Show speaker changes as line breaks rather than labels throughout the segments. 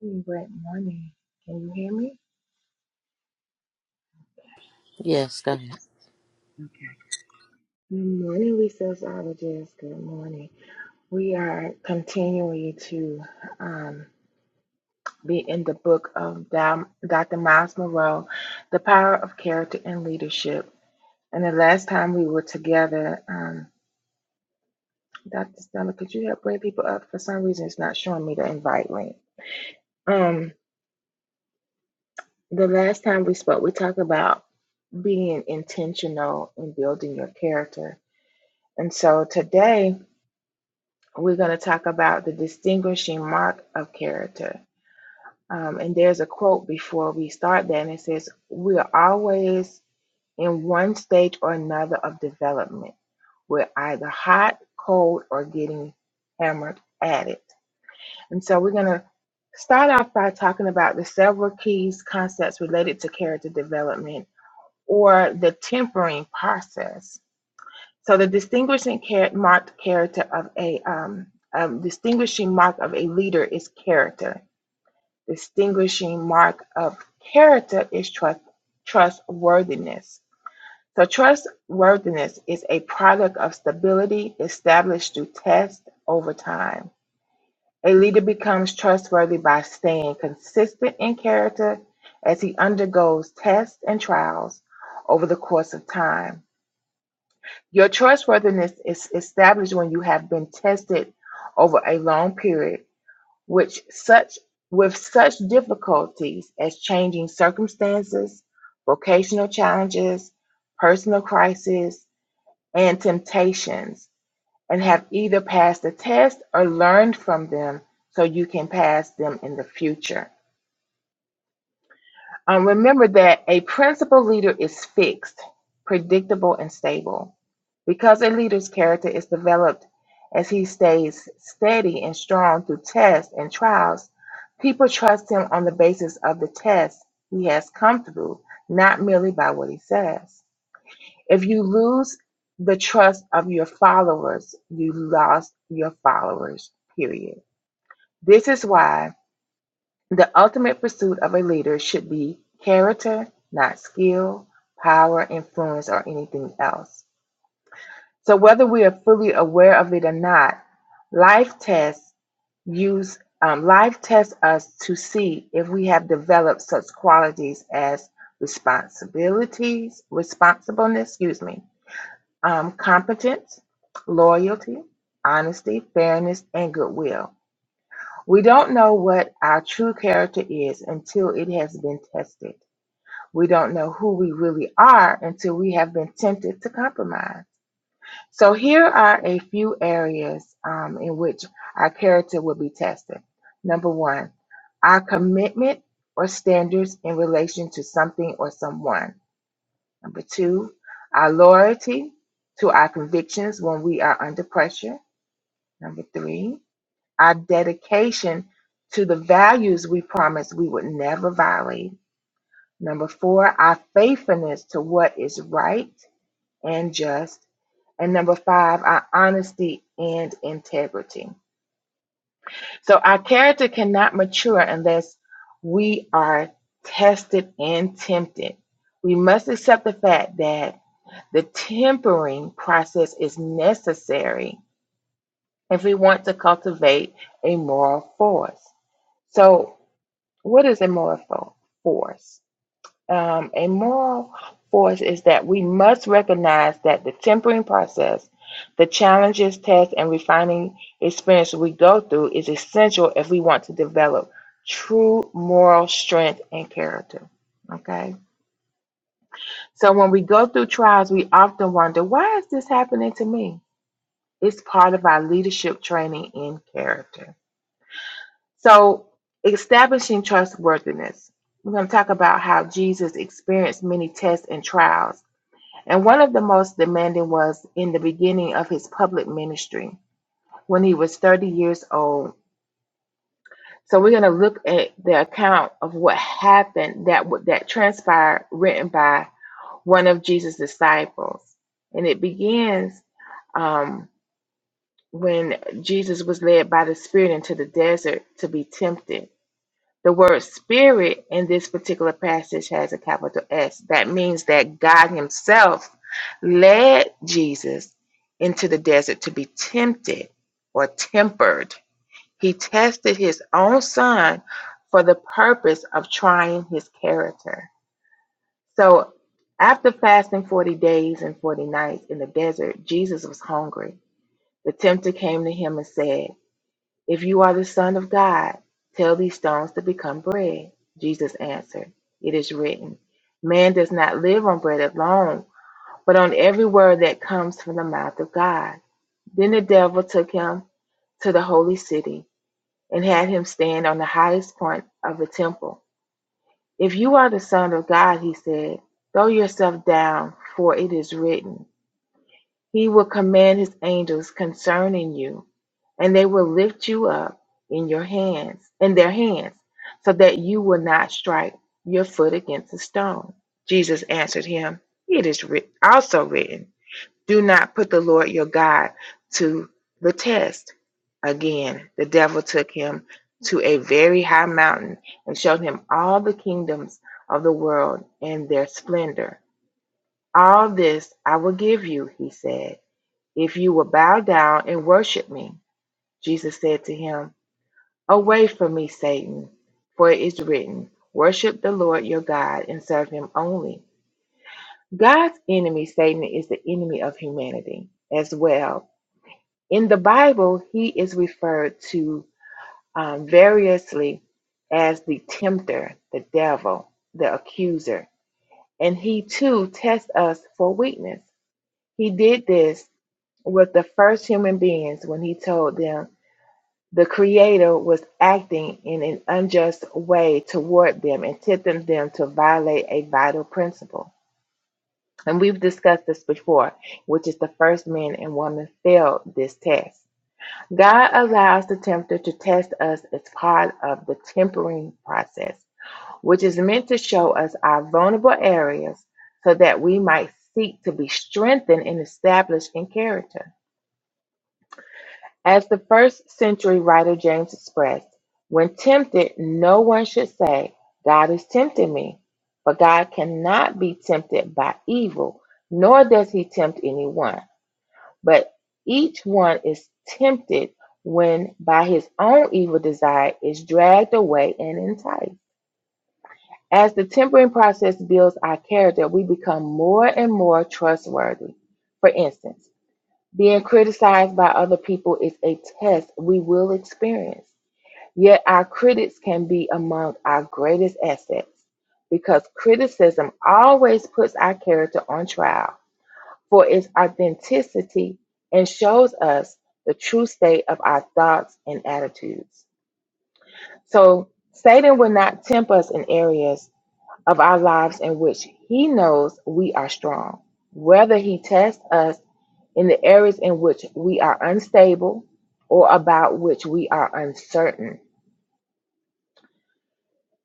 Good morning. Can you hear me?
Yes, go ahead.
Good morning, resourceologists. Good morning. We are continuing to um, be in the book of Dom- Dr. Miles Monroe, The Power of Character and Leadership. And the last time we were together, um, Dr. Summer, could you help bring people up? For some reason, it's not showing me the invite link. Um, the last time we spoke, we talked about being intentional in building your character. And so today, we're going to talk about the distinguishing mark of character. Um, and there's a quote before we start that, and it says, We are always in one stage or another of development. We're either hot, cold, or getting hammered at it. And so we're going to start off by talking about the several keys concepts related to character development or the tempering process. So the distinguishing char- marked character of a um, um, distinguishing mark of a leader is character. Distinguishing mark of character is trust trustworthiness. So trustworthiness is a product of stability established through test over time. A leader becomes trustworthy by staying consistent in character as he undergoes tests and trials over the course of time. Your trustworthiness is established when you have been tested over a long period, which such with such difficulties as changing circumstances, vocational challenges, personal crises, and temptations, and have either passed the test or learned from them so you can pass them in the future. Um, remember that a principal leader is fixed, predictable, and stable Because a leader's character is developed as he stays steady and strong through tests and trials, people trust him on the basis of the test he has come through, not merely by what he says. If you lose the trust of your followers, you lost your followers, period. This is why the ultimate pursuit of a leader should be character, not skill, power, influence, or anything else. So, whether we are fully aware of it or not, life tests use um, life tests us to see if we have developed such qualities as responsibilities, responsibleness, excuse me, um, competence, loyalty, honesty, fairness, and goodwill. We don't know what our true character is until it has been tested. We don't know who we really are until we have been tempted to compromise. So here are a few areas um, in which our character will be tested. Number one, our commitment or standards in relation to something or someone. Number two, our loyalty to our convictions when we are under pressure. Number three, our dedication to the values we promised we would never violate. Number four, our faithfulness to what is right and just. And number five, our honesty and integrity. So our character cannot mature unless we are tested and tempted. We must accept the fact that the tempering process is necessary if we want to cultivate a moral force. So, what is a moral force? Um, a moral force is that we must recognize that the tempering process, the challenges, tests, and refining experience we go through is essential if we want to develop true moral strength and character. Okay? So when we go through trials, we often wonder, why is this happening to me? It's part of our leadership training in character. So establishing trustworthiness. We're going to talk about how Jesus experienced many tests and trials And one of the most demanding was in the beginning of his public ministry when he was 30 years old. So we're going to look at the account of what happened that that transpired written by one of Jesus' disciples. And it begins um, when Jesus was led by the Spirit into the desert to be tempted. The word spirit in this particular passage has a capital S. That means that God Himself led Jesus into the desert to be tempted or tempered. He tested His own Son for the purpose of trying His character. So, after fasting 40 days and 40 nights in the desert, Jesus was hungry. The tempter came to Him and said, if you are the Son of God, tell these stones to become bread. Jesus answered, It is written, Man does not live on bread alone, but on every word that comes from the mouth of God. Then the devil took him to the holy city and had him stand on the highest point of the temple. If you are the Son of God, he said, throw yourself down, for it is written. He will command his angels concerning you, and they will lift you up in your hands, in their hands, so that you will not strike your foot against a stone. Jesus answered him, It is writ- also written, Do not put the Lord your God to the test. Again, the devil took him to a very high mountain and showed him all the kingdoms of the world and their splendor. All this I will give you, he said if you will bow down and worship me, Jesus said to him, Away from me, Satan, for it is written, Worship the Lord your God and serve him only. God's enemy, Satan, is the enemy of humanity as well. In the Bible, he is referred to um, variously as the tempter, the devil, the accuser, and he too tests us for weakness. He did this with the first human beings when he told them The Creator was acting in an unjust way toward them and tempting them to violate a vital principle. And we've discussed this before, which is the first man and woman failed this test. God allows the tempter to test us as part of the tempering process, which is meant to show us our vulnerable areas so that we might seek to be strengthened and established in character. As the first century writer James expressed, when tempted, no one should say, God is tempting me. for God cannot be tempted by evil, nor does he tempt anyone. But each one is tempted when by his own evil desire is dragged away and enticed. As the tempering process builds our character, we become more and more trustworthy. For instance, being criticized by other people is a test we will experience. Yet our critics can be among our greatest assets because criticism always puts our character on trial for its authenticity and shows us the true state of our thoughts and attitudes. So Satan will not tempt us in areas of our lives in which he knows we are strong. Whether he tests us in the areas in which we are unstable or about which we are uncertain.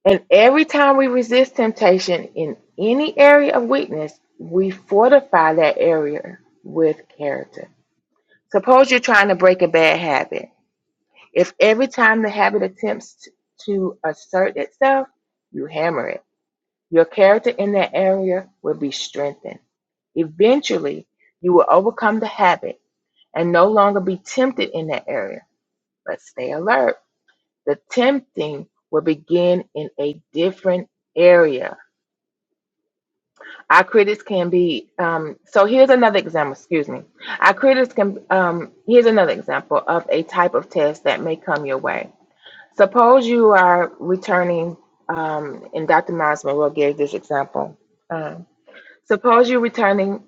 And every time we resist temptation in any area of weakness, we fortify that area with character. Suppose you're trying to break a bad habit. If every time the habit attempts to assert itself, you hammer it, your character in that area will be strengthened. Eventually, you will overcome the habit and no longer be tempted in that area Let's stay alert. The tempting will begin in a different area. Our critics can be, um, so here's another example, excuse me. Our critics can, um, here's another example of a type of test that may come your way. Suppose you are returning, um, and Dr. Miles Monroe gave this example. Um, suppose you're returning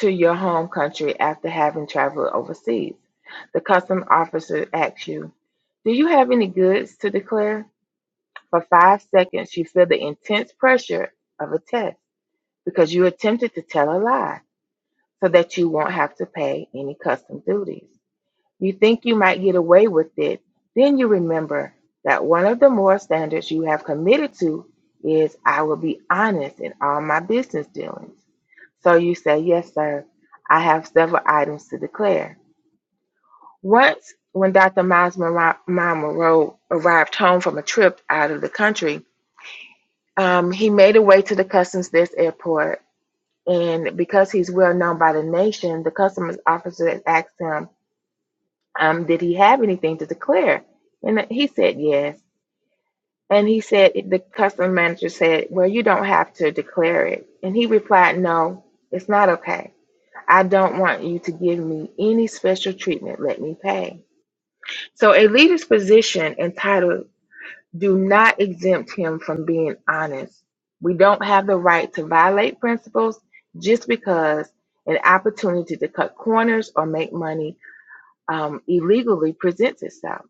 to your home country after having traveled overseas. The customs officer asks you, Do you have any goods to declare? For five seconds, you feel the intense pressure of a test because you attempted to tell a lie so that you won't have to pay any custom duties. You think you might get away with it, then you remember that one of the moral standards you have committed to is I will be honest in all my business dealings. So you say, Yes, sir, I have several items to declare. Once, when Dr. Miles Mama arrived home from a trip out of the country, Um, he made a way to the Customs this airport, and because he's well known by the nation, the customs officer asked him, um, "Did he have anything to declare?" And he said yes. And he said the customs manager said, "Well, you don't have to declare it." And he replied, "No, it's not okay. I don't want you to give me any special treatment. Let me pay." So a leader's position entitled do not exempt him from being honest. We don't have the right to violate principles just because an opportunity to cut corners or make money um, illegally presents itself.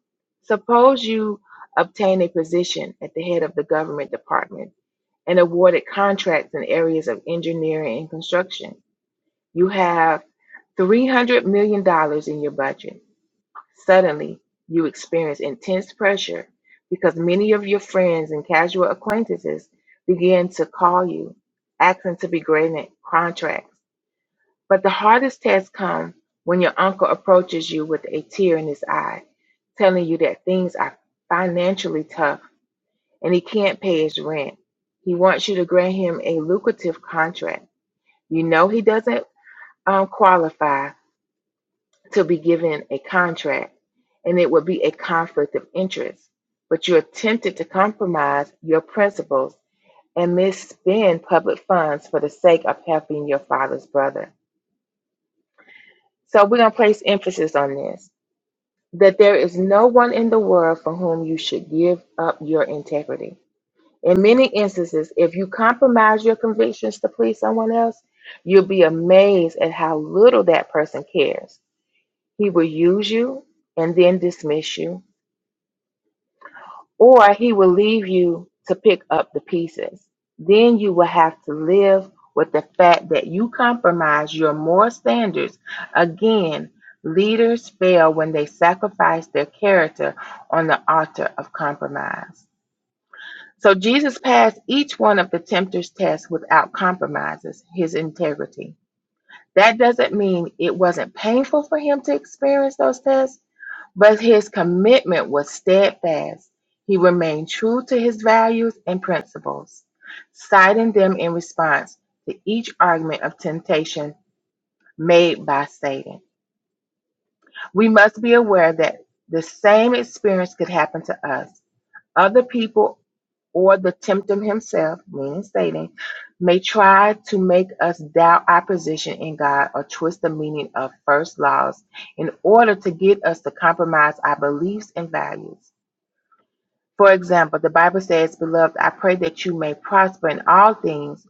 Suppose you obtain a position at the head of the government department and awarded contracts in areas of engineering and construction. You have $300 million dollars in your budget Suddenly, you experience intense pressure because many of your friends and casual acquaintances begin to call you, asking to be granted contracts. But the hardest test comes when your uncle approaches you with a tear in his eye, telling you that things are financially tough and he can't pay his rent. He wants you to grant him a lucrative contract. You know he doesn't um, qualify, to be given a contract, and it would be a conflict of interest. But you attempted to compromise your principles and misspend public funds for the sake of helping your father's brother. So we're going to place emphasis on this that there is no one in the world for whom you should give up your integrity. In many instances, if you compromise your convictions to please someone else, you'll be amazed at how little that person cares. He will use you and then dismiss you or he will leave you to pick up the pieces. Then you will have to live with the fact that you compromise your moral standards. Again, leaders fail when they sacrifice their character on the altar of compromise. So Jesus passed each one of the tempter's tests without compromises his integrity. That doesn't mean it wasn't painful for him to experience those tests but his commitment was steadfast. He remained true to his values and principles, citing them in response to each argument of temptation made by Satan. We must be aware that the same experience could happen to us. Other people or the tempter himself, meaning Satan, may try to make us doubt our position in God or twist the meaning of first laws in order to get us to compromise our beliefs and values. For example, the Bible says, Beloved, I pray that you may prosper in all things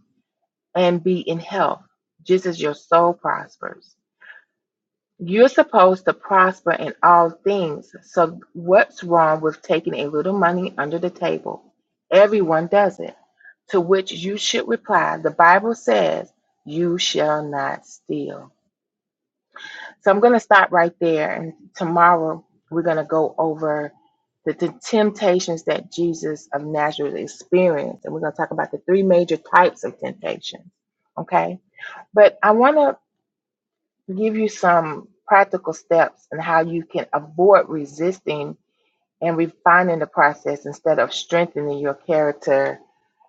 and be in health, just as your soul prospers. You're supposed to prosper in all things. So, what's wrong with taking a little money under the table? Everyone does it. To which you should reply, The Bible says, You shall not steal. So I'm going to stop right there. And tomorrow we're going to go over the, the temptations that Jesus of Nazareth experienced. And we're going to talk about the three major types of temptation. Okay. But I want to give you some practical steps and how you can avoid resisting and refining the process instead of strengthening your character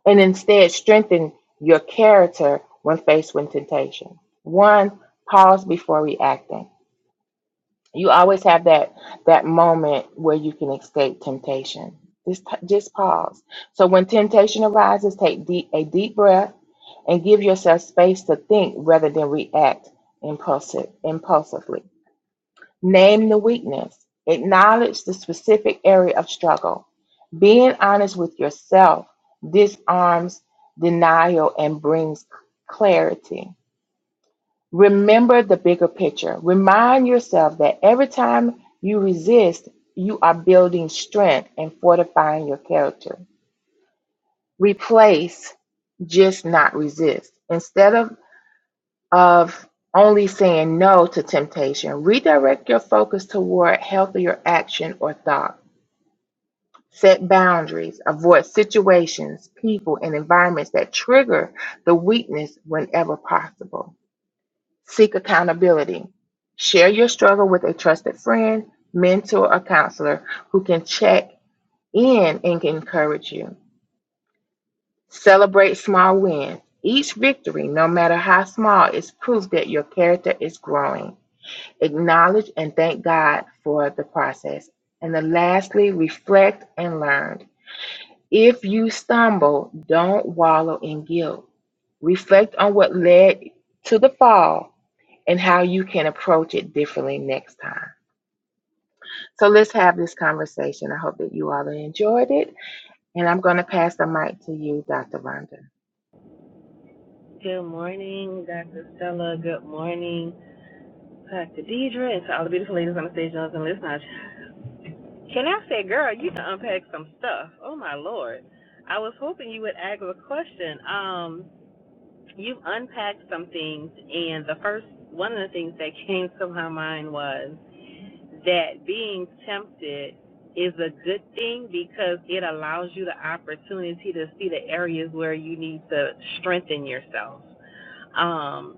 and instead strengthen your character when faced with temptation. One, pause before reacting you always have that that moment where you can escape temptation. Just just pause. So when temptation arises, take deep, a deep breath and give yourself space to think rather than react impulsive, impulsively. Name the weakness. Acknowledge the specific area of struggle. Being honest with yourself disarms denial and brings clarity. Remember the bigger picture. Remind yourself that every time you resist, you are building strength and fortifying your character. Replace, just not resist. Instead of, of only saying no to temptation, redirect your focus toward healthier action or thought. Set boundaries, avoid situations, people, and environments that trigger the weakness whenever possible Seek accountability. Share your struggle with a trusted friend, mentor, or counselor who can check in and encourage you. Celebrate small wins. Each victory, no matter how small, is proof that your character is growing. Acknowledge and thank God for the process. And then lastly, reflect and learn. If you stumble, don't wallow in guilt. Reflect on what led to the fall and how you can approach it differently next time. So let's have this conversation. I hope that you all enjoyed it. And I'm going to pass the mic to you, Dr. Rhonda.
Good morning, Dr. Stella. Good morning, Dr. Deidre, and to all the beautiful ladies on the stage, and listeners. Can I say, girl, you can unpack some stuff. Oh my lord. I was hoping you would ask a question. Um, you've unpacked some things and the first one of the things that came to my mind was that being tempted is a good thing because it allows you the opportunity to see the areas where you need to strengthen yourself. Um,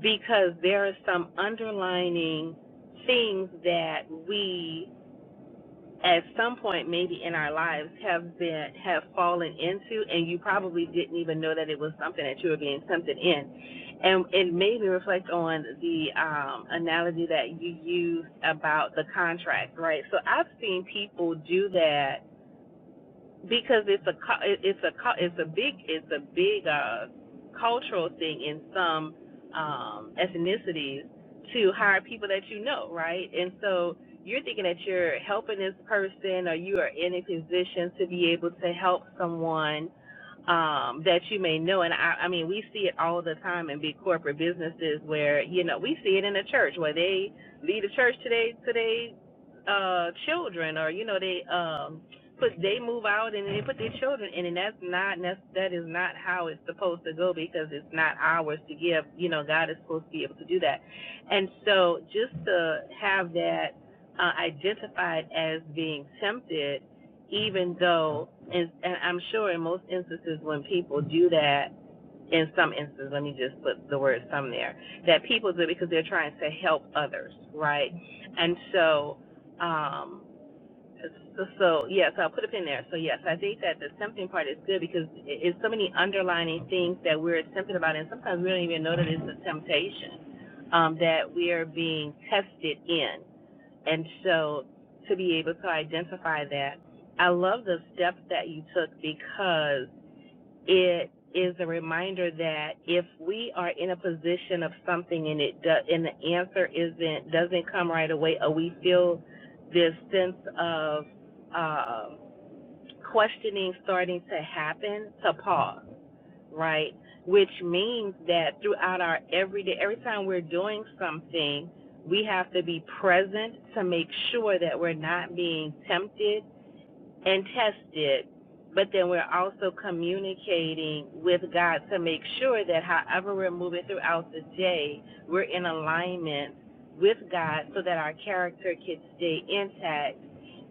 because there are some underlining things that we at some point maybe in our lives have been have fallen into and you probably didn't even know that it was something that you were being tempted in and it made me reflect on the um, analogy that you used about the contract right so i've seen people do that because it's a it's a it's a big it's a big uh, cultural thing in some um, ethnicities to hire people that you know, right? And so you're thinking that you're helping this person, or you are in a position to be able to help someone um, that you may know. And I, I mean, we see it all the time in big corporate businesses where you know we see it in the church where they lead the church today today uh children or you know they um Put they move out and they put their children in, and that's not that's- that is not how it's supposed to go because it's not ours to give. You know, God is supposed to be able to do that, and so just to have that uh, identified as being tempted, even though, and, and I'm sure in most instances when people do that, in some instances, let me just put the word "some" there, that people do it because they're trying to help others, right? And so. Um, so, so yeah, so I'll put a pin there. So yes, I think that the tempting part is good because it's so many underlining things that we're tempted about, and sometimes we don't even know that it's a temptation um, that we are being tested in. And so to be able to identify that, I love the steps that you took because it is a reminder that if we are in a position of something and it do, and the answer isn't doesn't come right away, or we feel this sense of um, questioning starting to happen, to pause, right? Which means that throughout our everyday, every time we're doing something, we have to be present to make sure that we're not being tempted and tested, but then we're also communicating with God to make sure that however we're moving throughout the day, we're in alignment with God so that our character can stay intact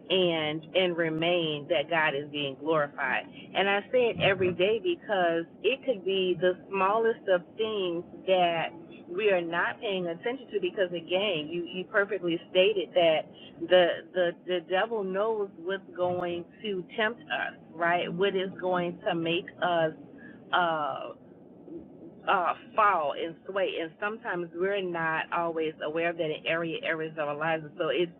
and and remain that God is being glorified. And I say it every day because it could be the smallest of things that we are not paying attention to because again, you, you perfectly stated that the the the devil knows what's going to tempt us, right? What is going to make us uh, uh, fall and sway, and sometimes we're not always aware of that in area areas of our lives. So it's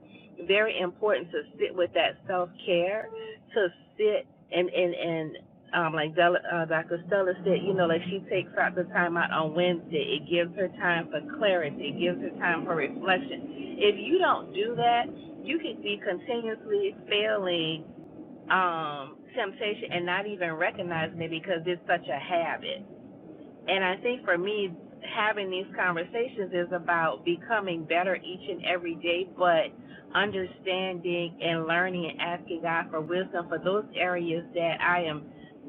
very important to sit with that self care, to sit and and and um, like Del- uh, Dr. Stella said, you know, like she takes out the time out on Wednesday, it gives her time for clarity, it gives her time for reflection. If you don't do that, you could be continuously failing um, temptation and not even recognizing it because it's such a habit and I think for me, having these conversations is about becoming better each and every day, but understanding and learning and asking God for wisdom for those areas that I am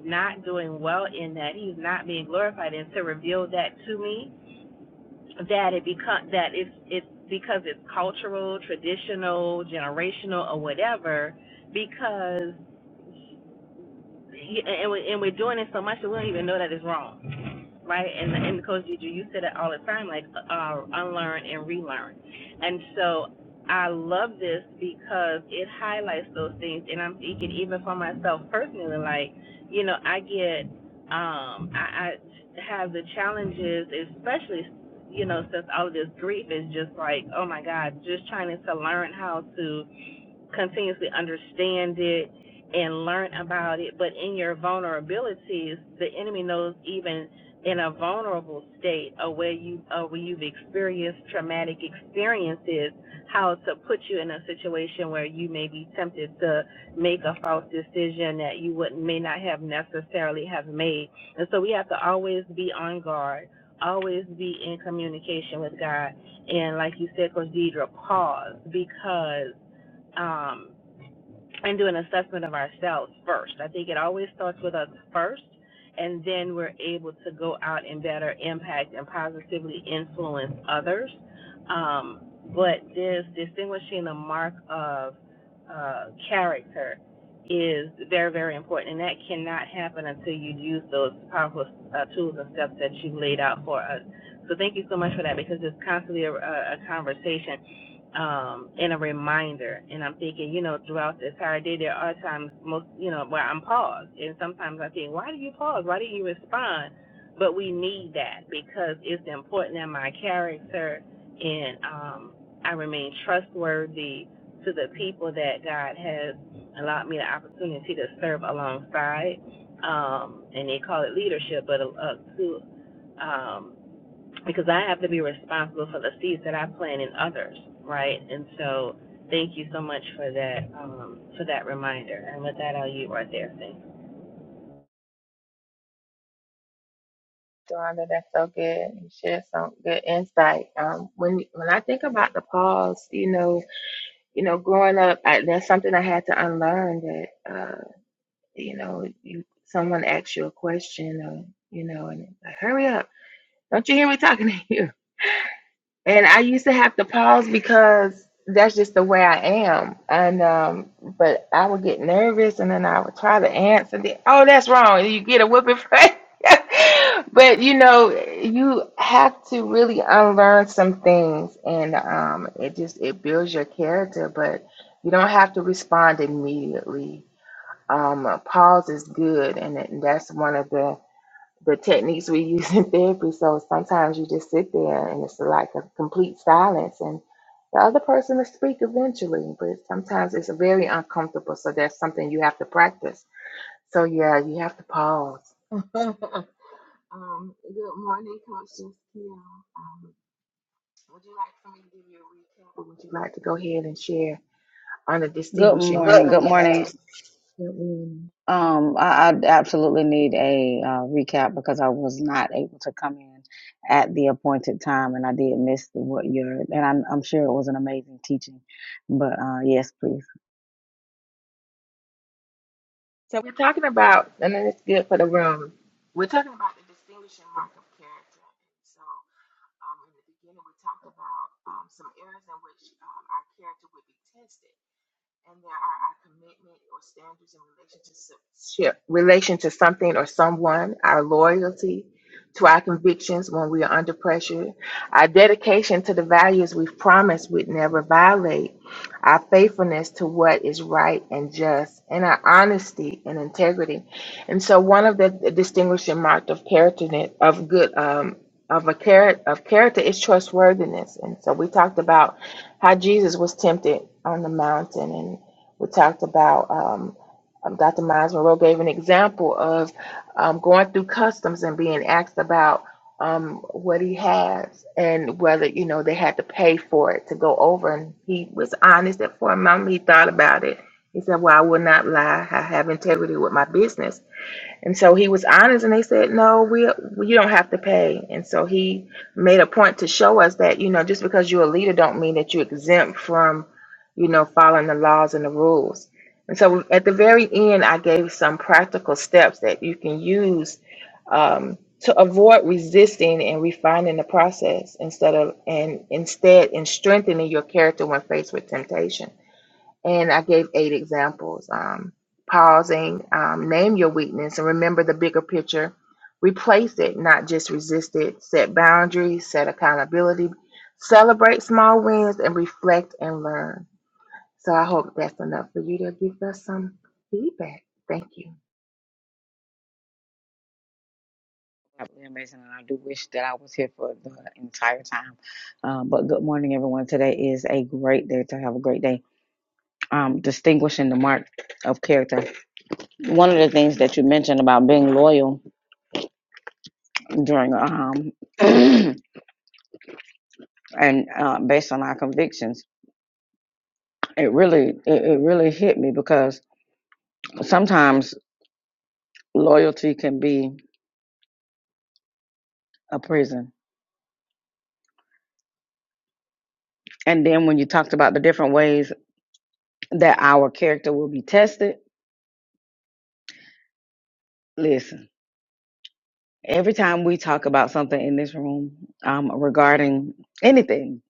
not doing well in that He's not being glorified and to reveal that to me. That it become that it's it's because it's cultural, traditional, generational, or whatever. Because and we and we're doing it so much that we don't even know that it's wrong right? And and Coach Juju, you said it all the time, like uh, unlearn and relearn. And so I love this because it highlights those things. And I'm thinking even for myself personally, like you know, I get um, I, I have the challenges, especially you know, since all of this grief is just like, oh my God, just trying to learn how to continuously understand it and learn about it. But in your vulnerabilities, the enemy knows even in a vulnerable state or where you or where you've experienced traumatic experiences, how to put you in a situation where you may be tempted to make a false decision that you would may not have necessarily have made. And so we have to always be on guard, always be in communication with God. And like you said, Coach Deidre, pause because um, and do an assessment of ourselves first. I think it always starts with us first, and then we're able to go out and better impact and positively influence others. Um, but this distinguishing the mark of uh, character is very, very important, and that cannot happen until you use those powerful uh, tools and steps that you laid out for us. So thank you so much for that because it's constantly a, a a conversation um, and a reminder. And I'm thinking, you know, throughout the entire day, there are times most, you know, where I'm paused, and sometimes I think, why do you pause? Why didn't you respond? But we need that because it's important in my character, and um, I remain trustworthy to the people that God has allowed me the opportunity to serve alongside. Um, and they call it leadership, but uh, to um, because I have to be responsible for the seeds that I plant in others, right? And so thank you so much for that um, for that reminder. And with that, I'll yield right there. Thanks.
Rhonda, that's so good. You shared some good insight. Um, when when I think about the pause, you know, you know, growing up, I, that's something I had to unlearn. That uh, you know, you someone asks you a question, or you know, and it's like, hurry up! Don't you hear me talking to you? And I used to have to pause because that's just the way I am. And um, but I would get nervous, and then I would try to answer. The, oh, that's wrong. and You get a whooping for it. but you know, you have to really unlearn some things, and um, it just it builds your character. But you don't have to respond immediately. Um, a pause is good, and it- that's one of the the techniques we use in therapy. So sometimes you just sit there and it's like a complete silence, and the other person will speak eventually, but sometimes it's very uncomfortable. So that's something you have to practice. So yeah, you have to pause. Um, good morning, Coach Jessica. Um, would you like for me to give you a recap? or Would you like to go ahead and share on the
Good
distinguishing moments?
morning. Good
Good
morning.
morning.
Um, I, I absolutely need a uh, recap because I was not able to come in at the appointed time, and I did miss the, what your and I'm, I'm sure it was an amazing teaching. But uh, yes, please,
So we're talking about, and then it's good for the room. We're talking about the distinguishing mark of character. So um, in the beginning, we talked about um, some areas in which um, our character would be tested and there are our commitment or standards in relationship relation to something or someone, our loyalty to our convictions when we are under pressure, our dedication to the values we've promised we'd never violate, our faithfulness to what is right and just, and our honesty and integrity. And so, one of the distinguishing marks of character of good um, of a character of character is trustworthiness. And so, we talked about how Jesus was tempted on the mountain, and we talked about um, um, Dr. Miles Monroe gave an example of um, going through customs and being asked about um, what he has and whether you know they had to pay for it to go over, and he was honest that for a moment he thought about it. He said, "Well, I will not lie. I have integrity with my business." And so he was honest, and they said, "No, we, we you don't have to pay." And so he made a point to show us that you know just because you're a leader don't mean that you're exempt from you know following the laws and the rules. And so at the very end, I gave some practical steps that you can use um, to avoid resisting and refining the process instead of and instead in strengthening your character when faced with temptation. And I gave eight examples. Um, pausing, um, name your weakness and remember the bigger picture. Replace it, not just resist it. Set boundaries, set accountability. Celebrate small wins and reflect and learn. So I hope that's enough for you to give us some feedback. Thank you.
absolutely amazing, and I do wish that I was here for the entire time. Uh, but good morning, everyone. Today is a great day to have a great day. Um, distinguishing the mark of character. One of the things that you mentioned about being loyal during um. and uh, based on our convictions it really it, it really hit me because sometimes loyalty can be a prison and then when you talked about the different ways that our character will be tested listen every time we talk about something in this room um, regarding anything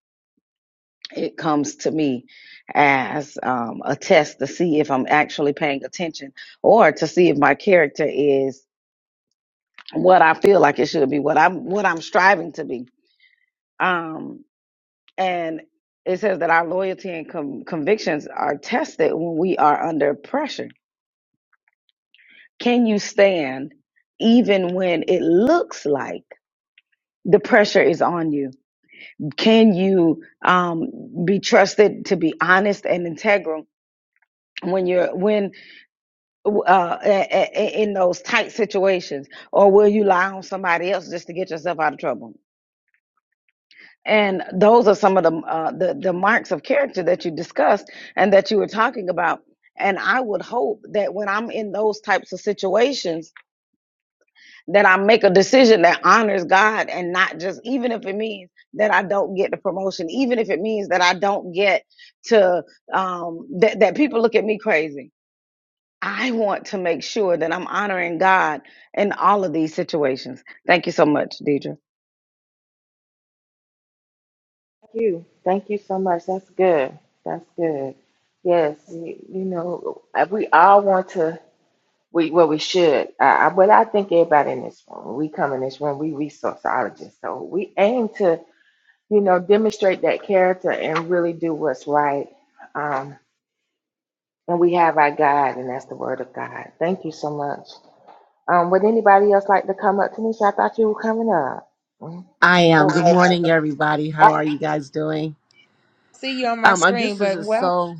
it comes to me as um, a test to see if i'm actually paying attention or to see if my character is what i feel like it should be what i'm what i'm striving to be Um, And it says that our loyalty and com- convictions are tested when we are under pressure. Can you stand even when it looks like the pressure is on you? Can you um, be trusted to be honest and integral when you're when uh, a- a- in those tight situations, or will you lie on somebody else just to get yourself out of trouble? And those are some of the, uh, the the marks of character that you discussed and that you were talking about. And I would hope that when I'm in those types of situations, that I make a decision that honors God and not just even if it means that I don't get the promotion, even if it means that I don't get to um, that that people look at me crazy. I want to make sure that I'm honoring God in all of these situations. Thank you so much, Deidre.
Thank you. Thank you so much. That's good. That's good. Yes, you, you know, we all want to. We well, we should. Uh, I, well, I think everybody in this room, when we come in this room, we resourceologists, so we aim to, you know, demonstrate that character and really do what's right. Um, and we have our guide, and that's the Word of God. Thank you so much. Um, would anybody else like to come up to me? So I thought you were coming up. Mm,
I am. Good
So,
morning, everybody.
I,
How are you guys doing?
See you on my
Um, uh,
screen,
this is
but
just
well,
so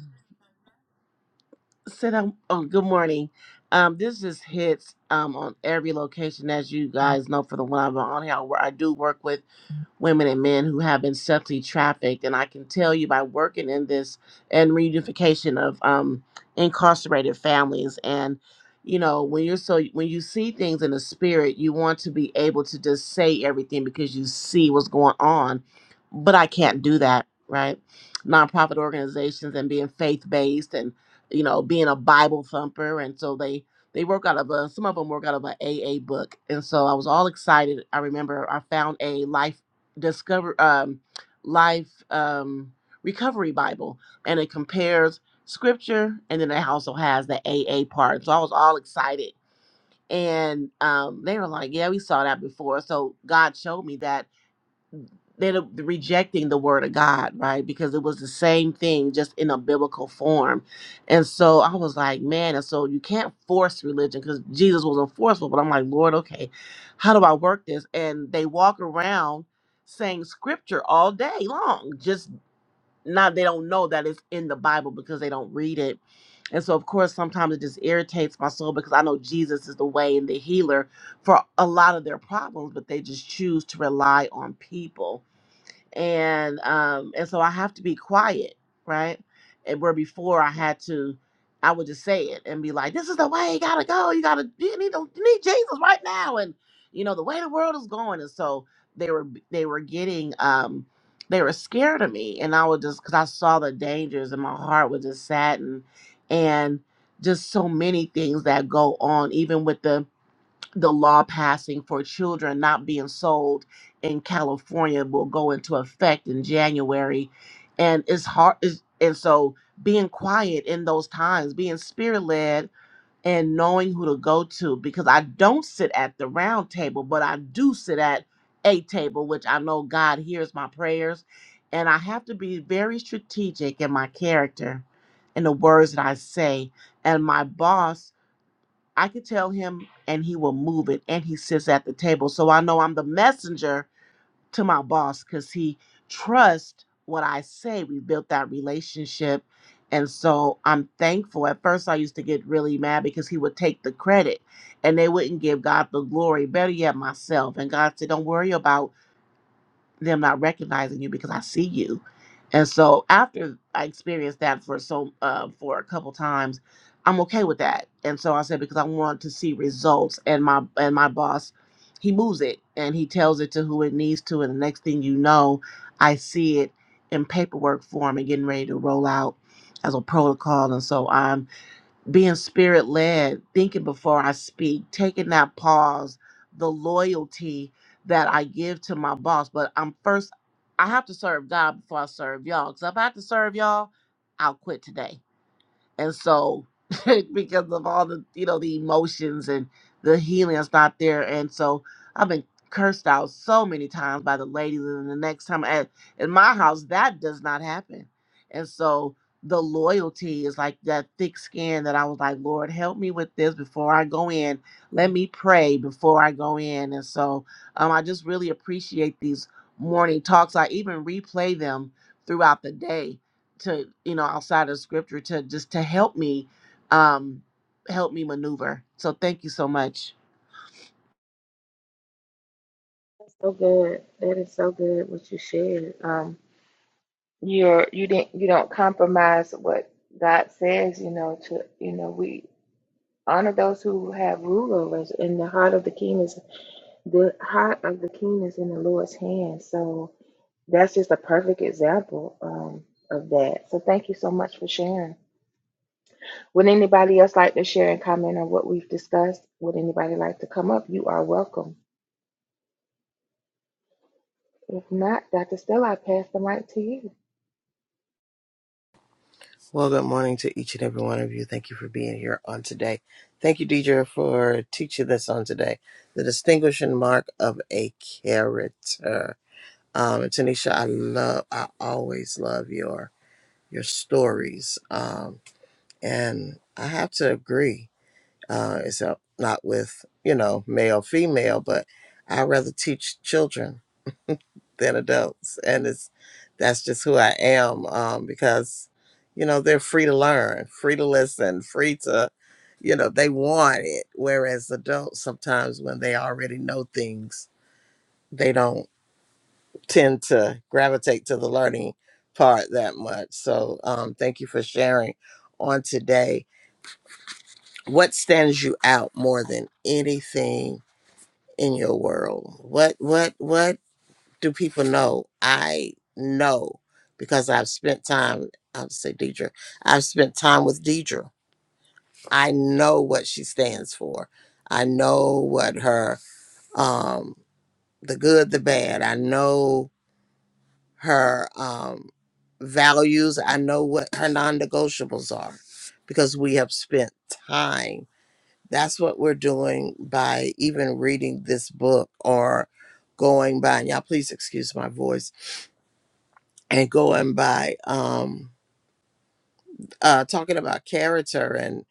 sit down. Oh, good morning. Um, this just hits um on every location, as you guys know, for the one I'm on here, where I do work with. women and men who have been sexually trafficked. And I can tell you by working in this and reunification of um, incarcerated families and you know when you're so when you see things in the spirit you want to be able to just say everything because you see what's going on but i can't do that right nonprofit organizations and being faith-based and you know being a bible thumper and so they they work out of a some of them work out of an aa book and so i was all excited i remember i found a life discover um, life um, recovery bible and it compares scripture and then it also has the aa part so i was all excited and um, they were like yeah we saw that before so god showed me that they're rejecting the word of God, right? Because it was the same thing, just in a biblical form. And so I was like, man, and so you can't force religion because Jesus wasn't forceful. But I'm like, Lord, okay, how do I work this? And they walk around saying scripture all day long, just not, they don't know that it's in the Bible because they don't read it. And so, of course, sometimes it just irritates my soul because I know Jesus is the way and the healer for a lot of their problems, but they just choose to rely on people and um and so I have to be quiet, right? And where before I had to, I would just say it and be like, "This is the way you gotta go. You gotta you need to, you need Jesus right now." And you know the way the world is going, and so they were they were getting um they were scared of me, and I would just because I saw the dangers, and my heart was just saddened, and just so many things that go on, even with the the law passing for children not being sold in California will go into effect in January. And it's hard. It's, and so being quiet in those times, being spirit led and knowing who to go to, because I don't sit at the round table, but I do sit at a table, which I know God hears my prayers. And I have to be very strategic in my character and the words that I say. And my boss I can tell him and he will move it and he sits at the table. So I know I'm the messenger to my boss because he trusts what I say. We built that relationship. And so I'm thankful. At first, I used to get really mad because he would take the credit and they wouldn't give God the glory. Better yet, myself. And God said, Don't worry about them not recognizing you because I see you. And so after I experienced that for so uh, for a couple times, I'm okay with that. And so I said because I want to see results, and my and my boss, he moves it and he tells it to who it needs to, and the next thing you know, I see it in paperwork form and getting ready to roll out as a protocol. And so I'm being spirit led, thinking before I speak, taking that pause, the loyalty that I give to my boss. But I'm first, I have to serve God before I serve y'all. Because if I have to serve y'all, I'll quit today and so because of all the you know the emotions and the healing is not there and so i've been cursed out so many times by the ladies and the next time at in my house that does not happen and so the loyalty is like that thick skin that i was like lord help me with this before i go in let me pray before i go in and so um, i just really appreciate these morning talks i even replay them throughout the day to you know outside of scripture to just to help me um help me maneuver so thank you so much
so good. That is so good what you shared. Um, you're you didn't you don't compromise what God says, you know, to you know, we honor those who have rule over us and the heart of the king is the heart of the king is in the Lord's hand. So that's just a perfect example um of that. So thank you so much for sharing. Would anybody else like to share and comment on what we've discussed? Would anybody like to come up? You are welcome. If not, Dr. Stella, I pass the mic to you.
Well, good morning to each and every one of you. Thank you for being here on today. Thank you, Deidre, for teaching this on today. The distinguishing mark of a character. Um, and Tanisha, I love, I always love your your stories. Um, and I have to agree. Uh, it's uh, not with you know male, female, but I rather teach children than adults, and it's that's just who I am um, because you know they're free to learn, free to listen, free to you know they want it. Whereas adults sometimes when they already know things, they don't tend to gravitate to the learning part that much. So um, thank you for sharing on today. What stands you out more than anything in your world? What what what do people know? I know because I've spent time, I will say Deidre, I've spent time with Deidre. I know what she stands for. I know what her, um, the good, the bad. I know her um, values. I know what her non negotiables are because we have spent time. That's what we're doing by even reading this book or going by, and y'all please excuse my voice and going by um uh talking about character and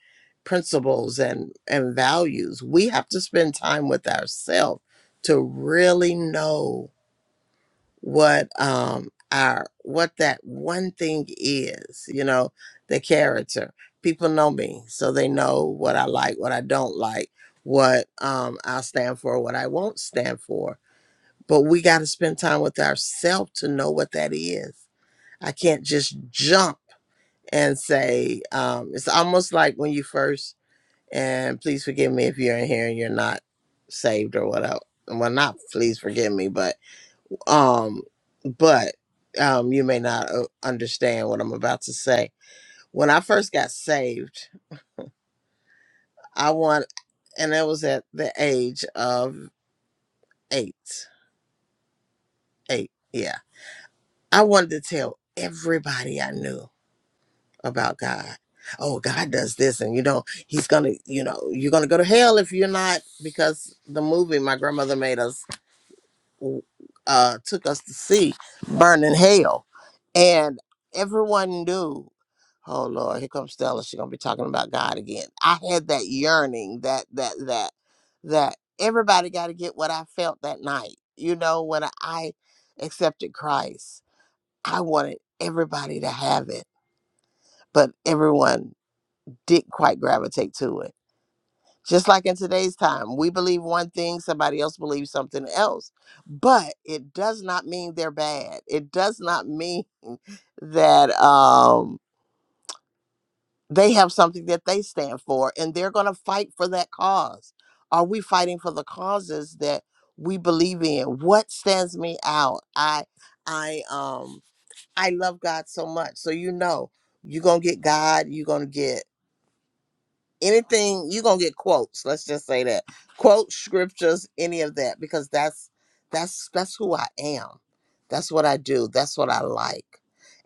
principles and and values we have to spend time with ourselves to really know what um our what that one thing is you know the character people know me so they know what i like what i don't like what um i stand for what i won't stand for but we got to spend time with ourselves to know what that is i can't just jump and say, um, it's almost like when you first, and please forgive me if you're in here and you're not saved or whatever. Well, not please forgive me, but, um, but, um, you may not uh, understand what I'm about to say. When I first got saved, I want, and that was at the age of eight, eight, yeah. I wanted to tell everybody I knew about God. Oh, God does this, and you know, He's gonna, you know, you're gonna go to hell if you're not, because the movie my grandmother made us, uh, took us to see, Burning Hell, and everyone knew. Oh Lord, here comes Stella. She's gonna be talking about God again. I had that yearning, that that that that everybody got to get what I felt that night. You know, when I accepted Christ, I wanted everybody to have it, but everyone didn't quite gravitate to it. Just like in today's time, we believe one thing, somebody else believes something else. But it does not mean they're bad. It does not mean that um, they have something that they stand for and they're going to fight for that cause. Are we fighting for the causes that we believe in? What stands me out? I, I, um, I love God so much. So you know, you're gonna get God. You're gonna get anything you're gonna get quotes let's just say that quotes scriptures any of that because that's that's that's who i am that's what i do that's what i like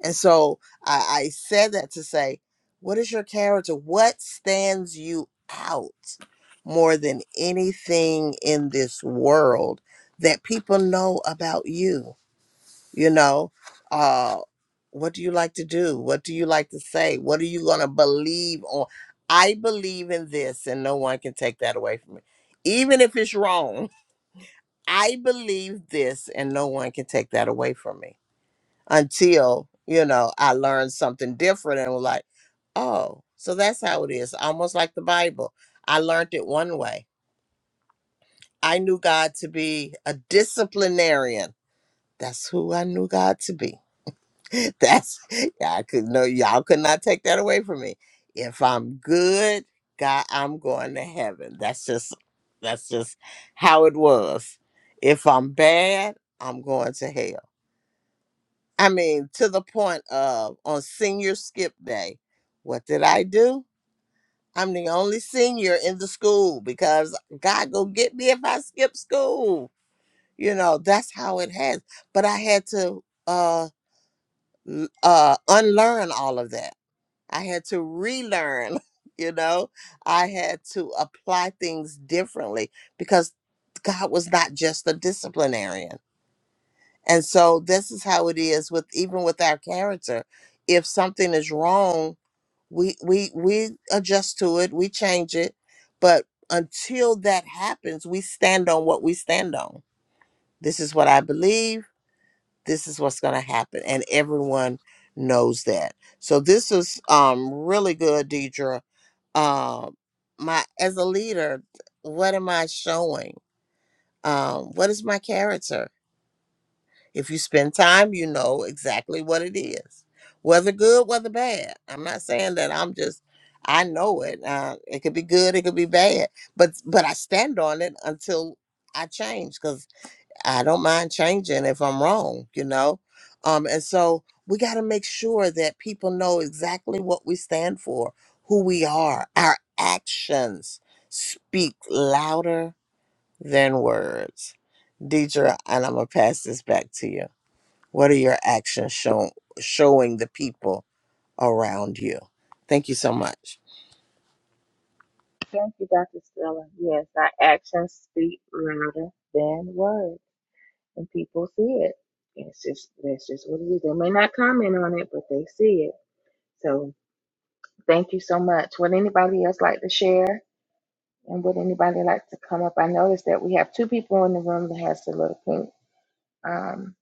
and so i, I said that to say what is your character what stands you out more than anything in this world that people know about you you know uh what do you like to do what do you like to say what are you going to believe on i believe in this and no one can take that away from me even if it's wrong i believe this and no one can take that away from me until you know i learn something different and was like oh so that's how it is almost like the bible i learned it one way i knew god to be a disciplinarian that's who i knew god to be That's yeah, I could no y'all could not take that away from me. If I'm good, God, I'm going to heaven. That's just that's just how it was. If I'm bad, I'm going to hell. I mean, to the point of on senior skip day, what did I do? I'm the only senior in the school because God go get me if I skip school. You know, that's how it has. But I had to uh l- uh unlearn all of that I had to relearn, you know, I had to apply things differently because God was not just a disciplinarian. And so this is how it is with even with our character. If something is wrong, we we we adjust to it, we change it, but until that happens, we stand on what we stand on. This is what I believe this is what's going to happen and everyone knows that so this is um really good deidre um my as a leader what am i showing um what is my character if you spend time you know exactly what it is whether good whether bad i'm not saying that i'm just i know it uh, it could be good it could be bad but but i stand on it until i change cause. I don't mind changing if I'm wrong, you know? Um, and so we got to make sure that people know exactly what we stand for, who we are. Our actions speak louder than words. Deidre, and I'm going to pass this back to you. What are your actions show, showing the people around you? Thank you so much.
Thank you, Dr. Stella. Yes, our actions speak louder than words. and people see it. It's just that's just what it is. They may not comment on it, but they see it. So thank you so much. Would anybody else like to share? And would anybody like to come up? I noticed that we have two people in the room that has the little pink um,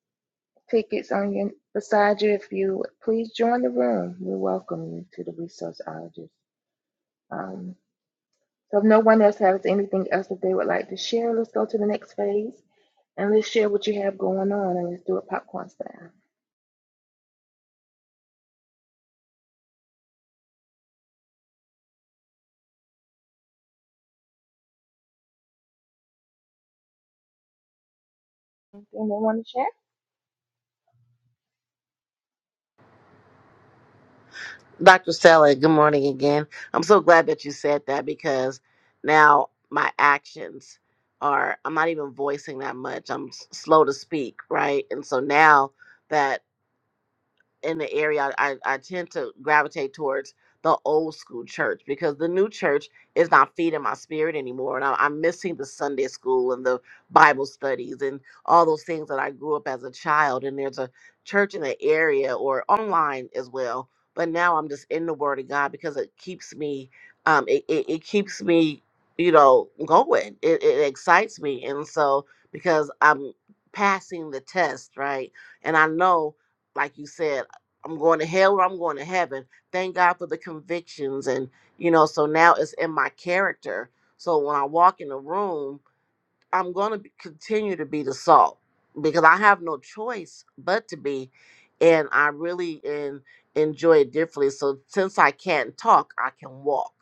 tickets on your beside you. If you please join the room, we welcome you to the resourceologist. Um, so if no one else has anything else that they would like to share, let's go to the next phase. And let's share what you have going on and let's do it popcorn style. Anything they want to share?
Dr. Stella, good morning again. I'm so glad that you said that because now my actions are, I'm not even voicing that much. I'm s- slow to speak, right? And so now that. in the area I, I tend to gravitate towards the old school church because the new church is not feeding my spirit anymore and I, i'm missing the sunday school and the bible studies and all those things that i grew up as a child and there's a church in the area or online as well but now i'm just in the word of god because it keeps me um it, it, it keeps me you know going it, it excites me and so because i'm passing the test right and i know like you said I'm going to hell or I'm going to heaven. Thank God for the convictions. And, you know, so now it's in my character. So when I walk in a room, I'm going to be, continue to be the salt because I have no choice but to be, and I really en- enjoy it differently. So since I can't talk, I can walk,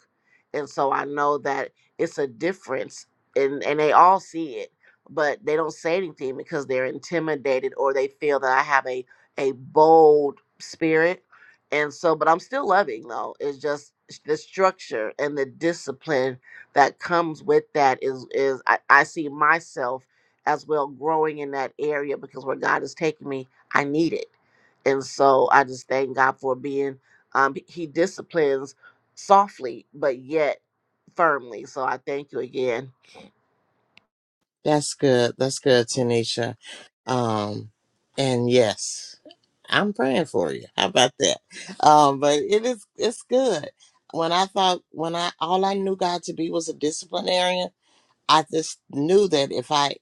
and so I know that it's a difference, and and they all see it, but they don't say anything because they're intimidated or they feel that I have a a bold spirit, and so but I'm still loving though. It's just the structure and the discipline that comes with that is is I, I see myself as well growing in that area because where God is taking me, I need it. And so I just thank God for being um he disciplines softly but yet firmly. So I thank you again.
That's good. That's good, Tanisha. Um, and yes, I'm praying for you. How about that? Um, but it is it's good. When I thought when I all I knew God to be was a disciplinarian, I just knew that if I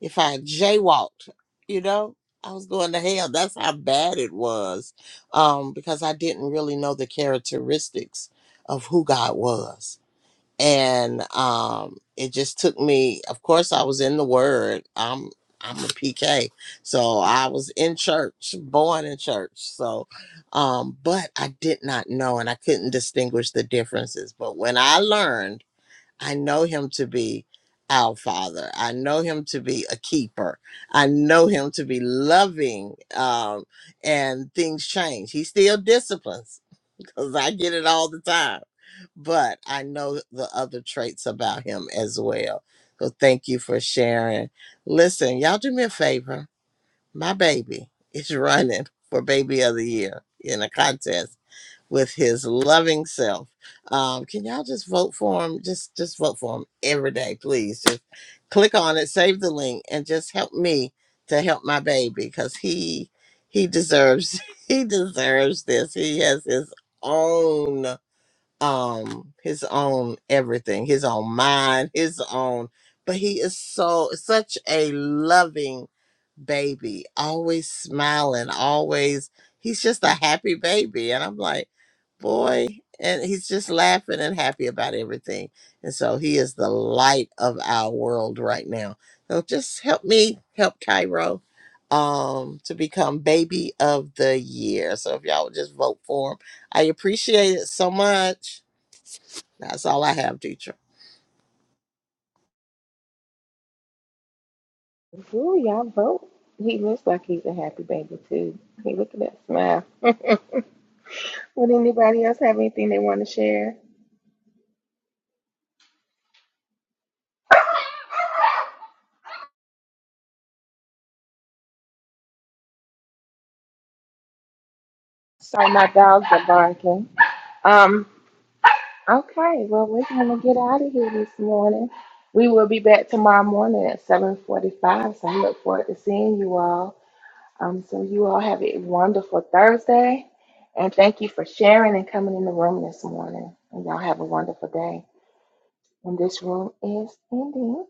if I jaywalked, you know, I was going to hell. That's how bad it was. Um, because I didn't really know the characteristics of who God was and um it just took me of course i was in the word i'm i'm a pk so i was in church born in church so um but i did not know and i couldn't distinguish the differences but when i learned i know him to be our father i know him to be a keeper i know him to be loving um and things change he still disciplines because I get it all the time. But I know the other traits about him as well. So thank you for sharing. Listen, y'all do me a favor. My baby is running for baby of the year in a contest with his loving self. Um, can y'all just vote for him? Just just vote for him every day, please. Just click on it, save the link, and just help me to help my baby because he he deserves he deserves this. He has his own um his own everything, his own mind, his own. But he is so such a loving baby, always smiling, always he's just a happy baby, and I'm like boy and he's just laughing and happy about everything and so he is the light of our world right now so just help me help cairo um to become baby of the year so if y'all would just vote for him i appreciate it so much that's all i have teacher
Ooh, y'all vote. He looks like he's a happy baby too. Hey, look at that smile. Would anybody else have anything they want to share? Sorry, my dogs are barking. Um, Okay, well, we're going to get out of here this morning. We will be back tomorrow morning at 7.45, so we look forward to seeing you all. Um, so you all have a wonderful Thursday, and thank you for sharing and coming in the room this morning. And y'all have a wonderful day. And this room is ending.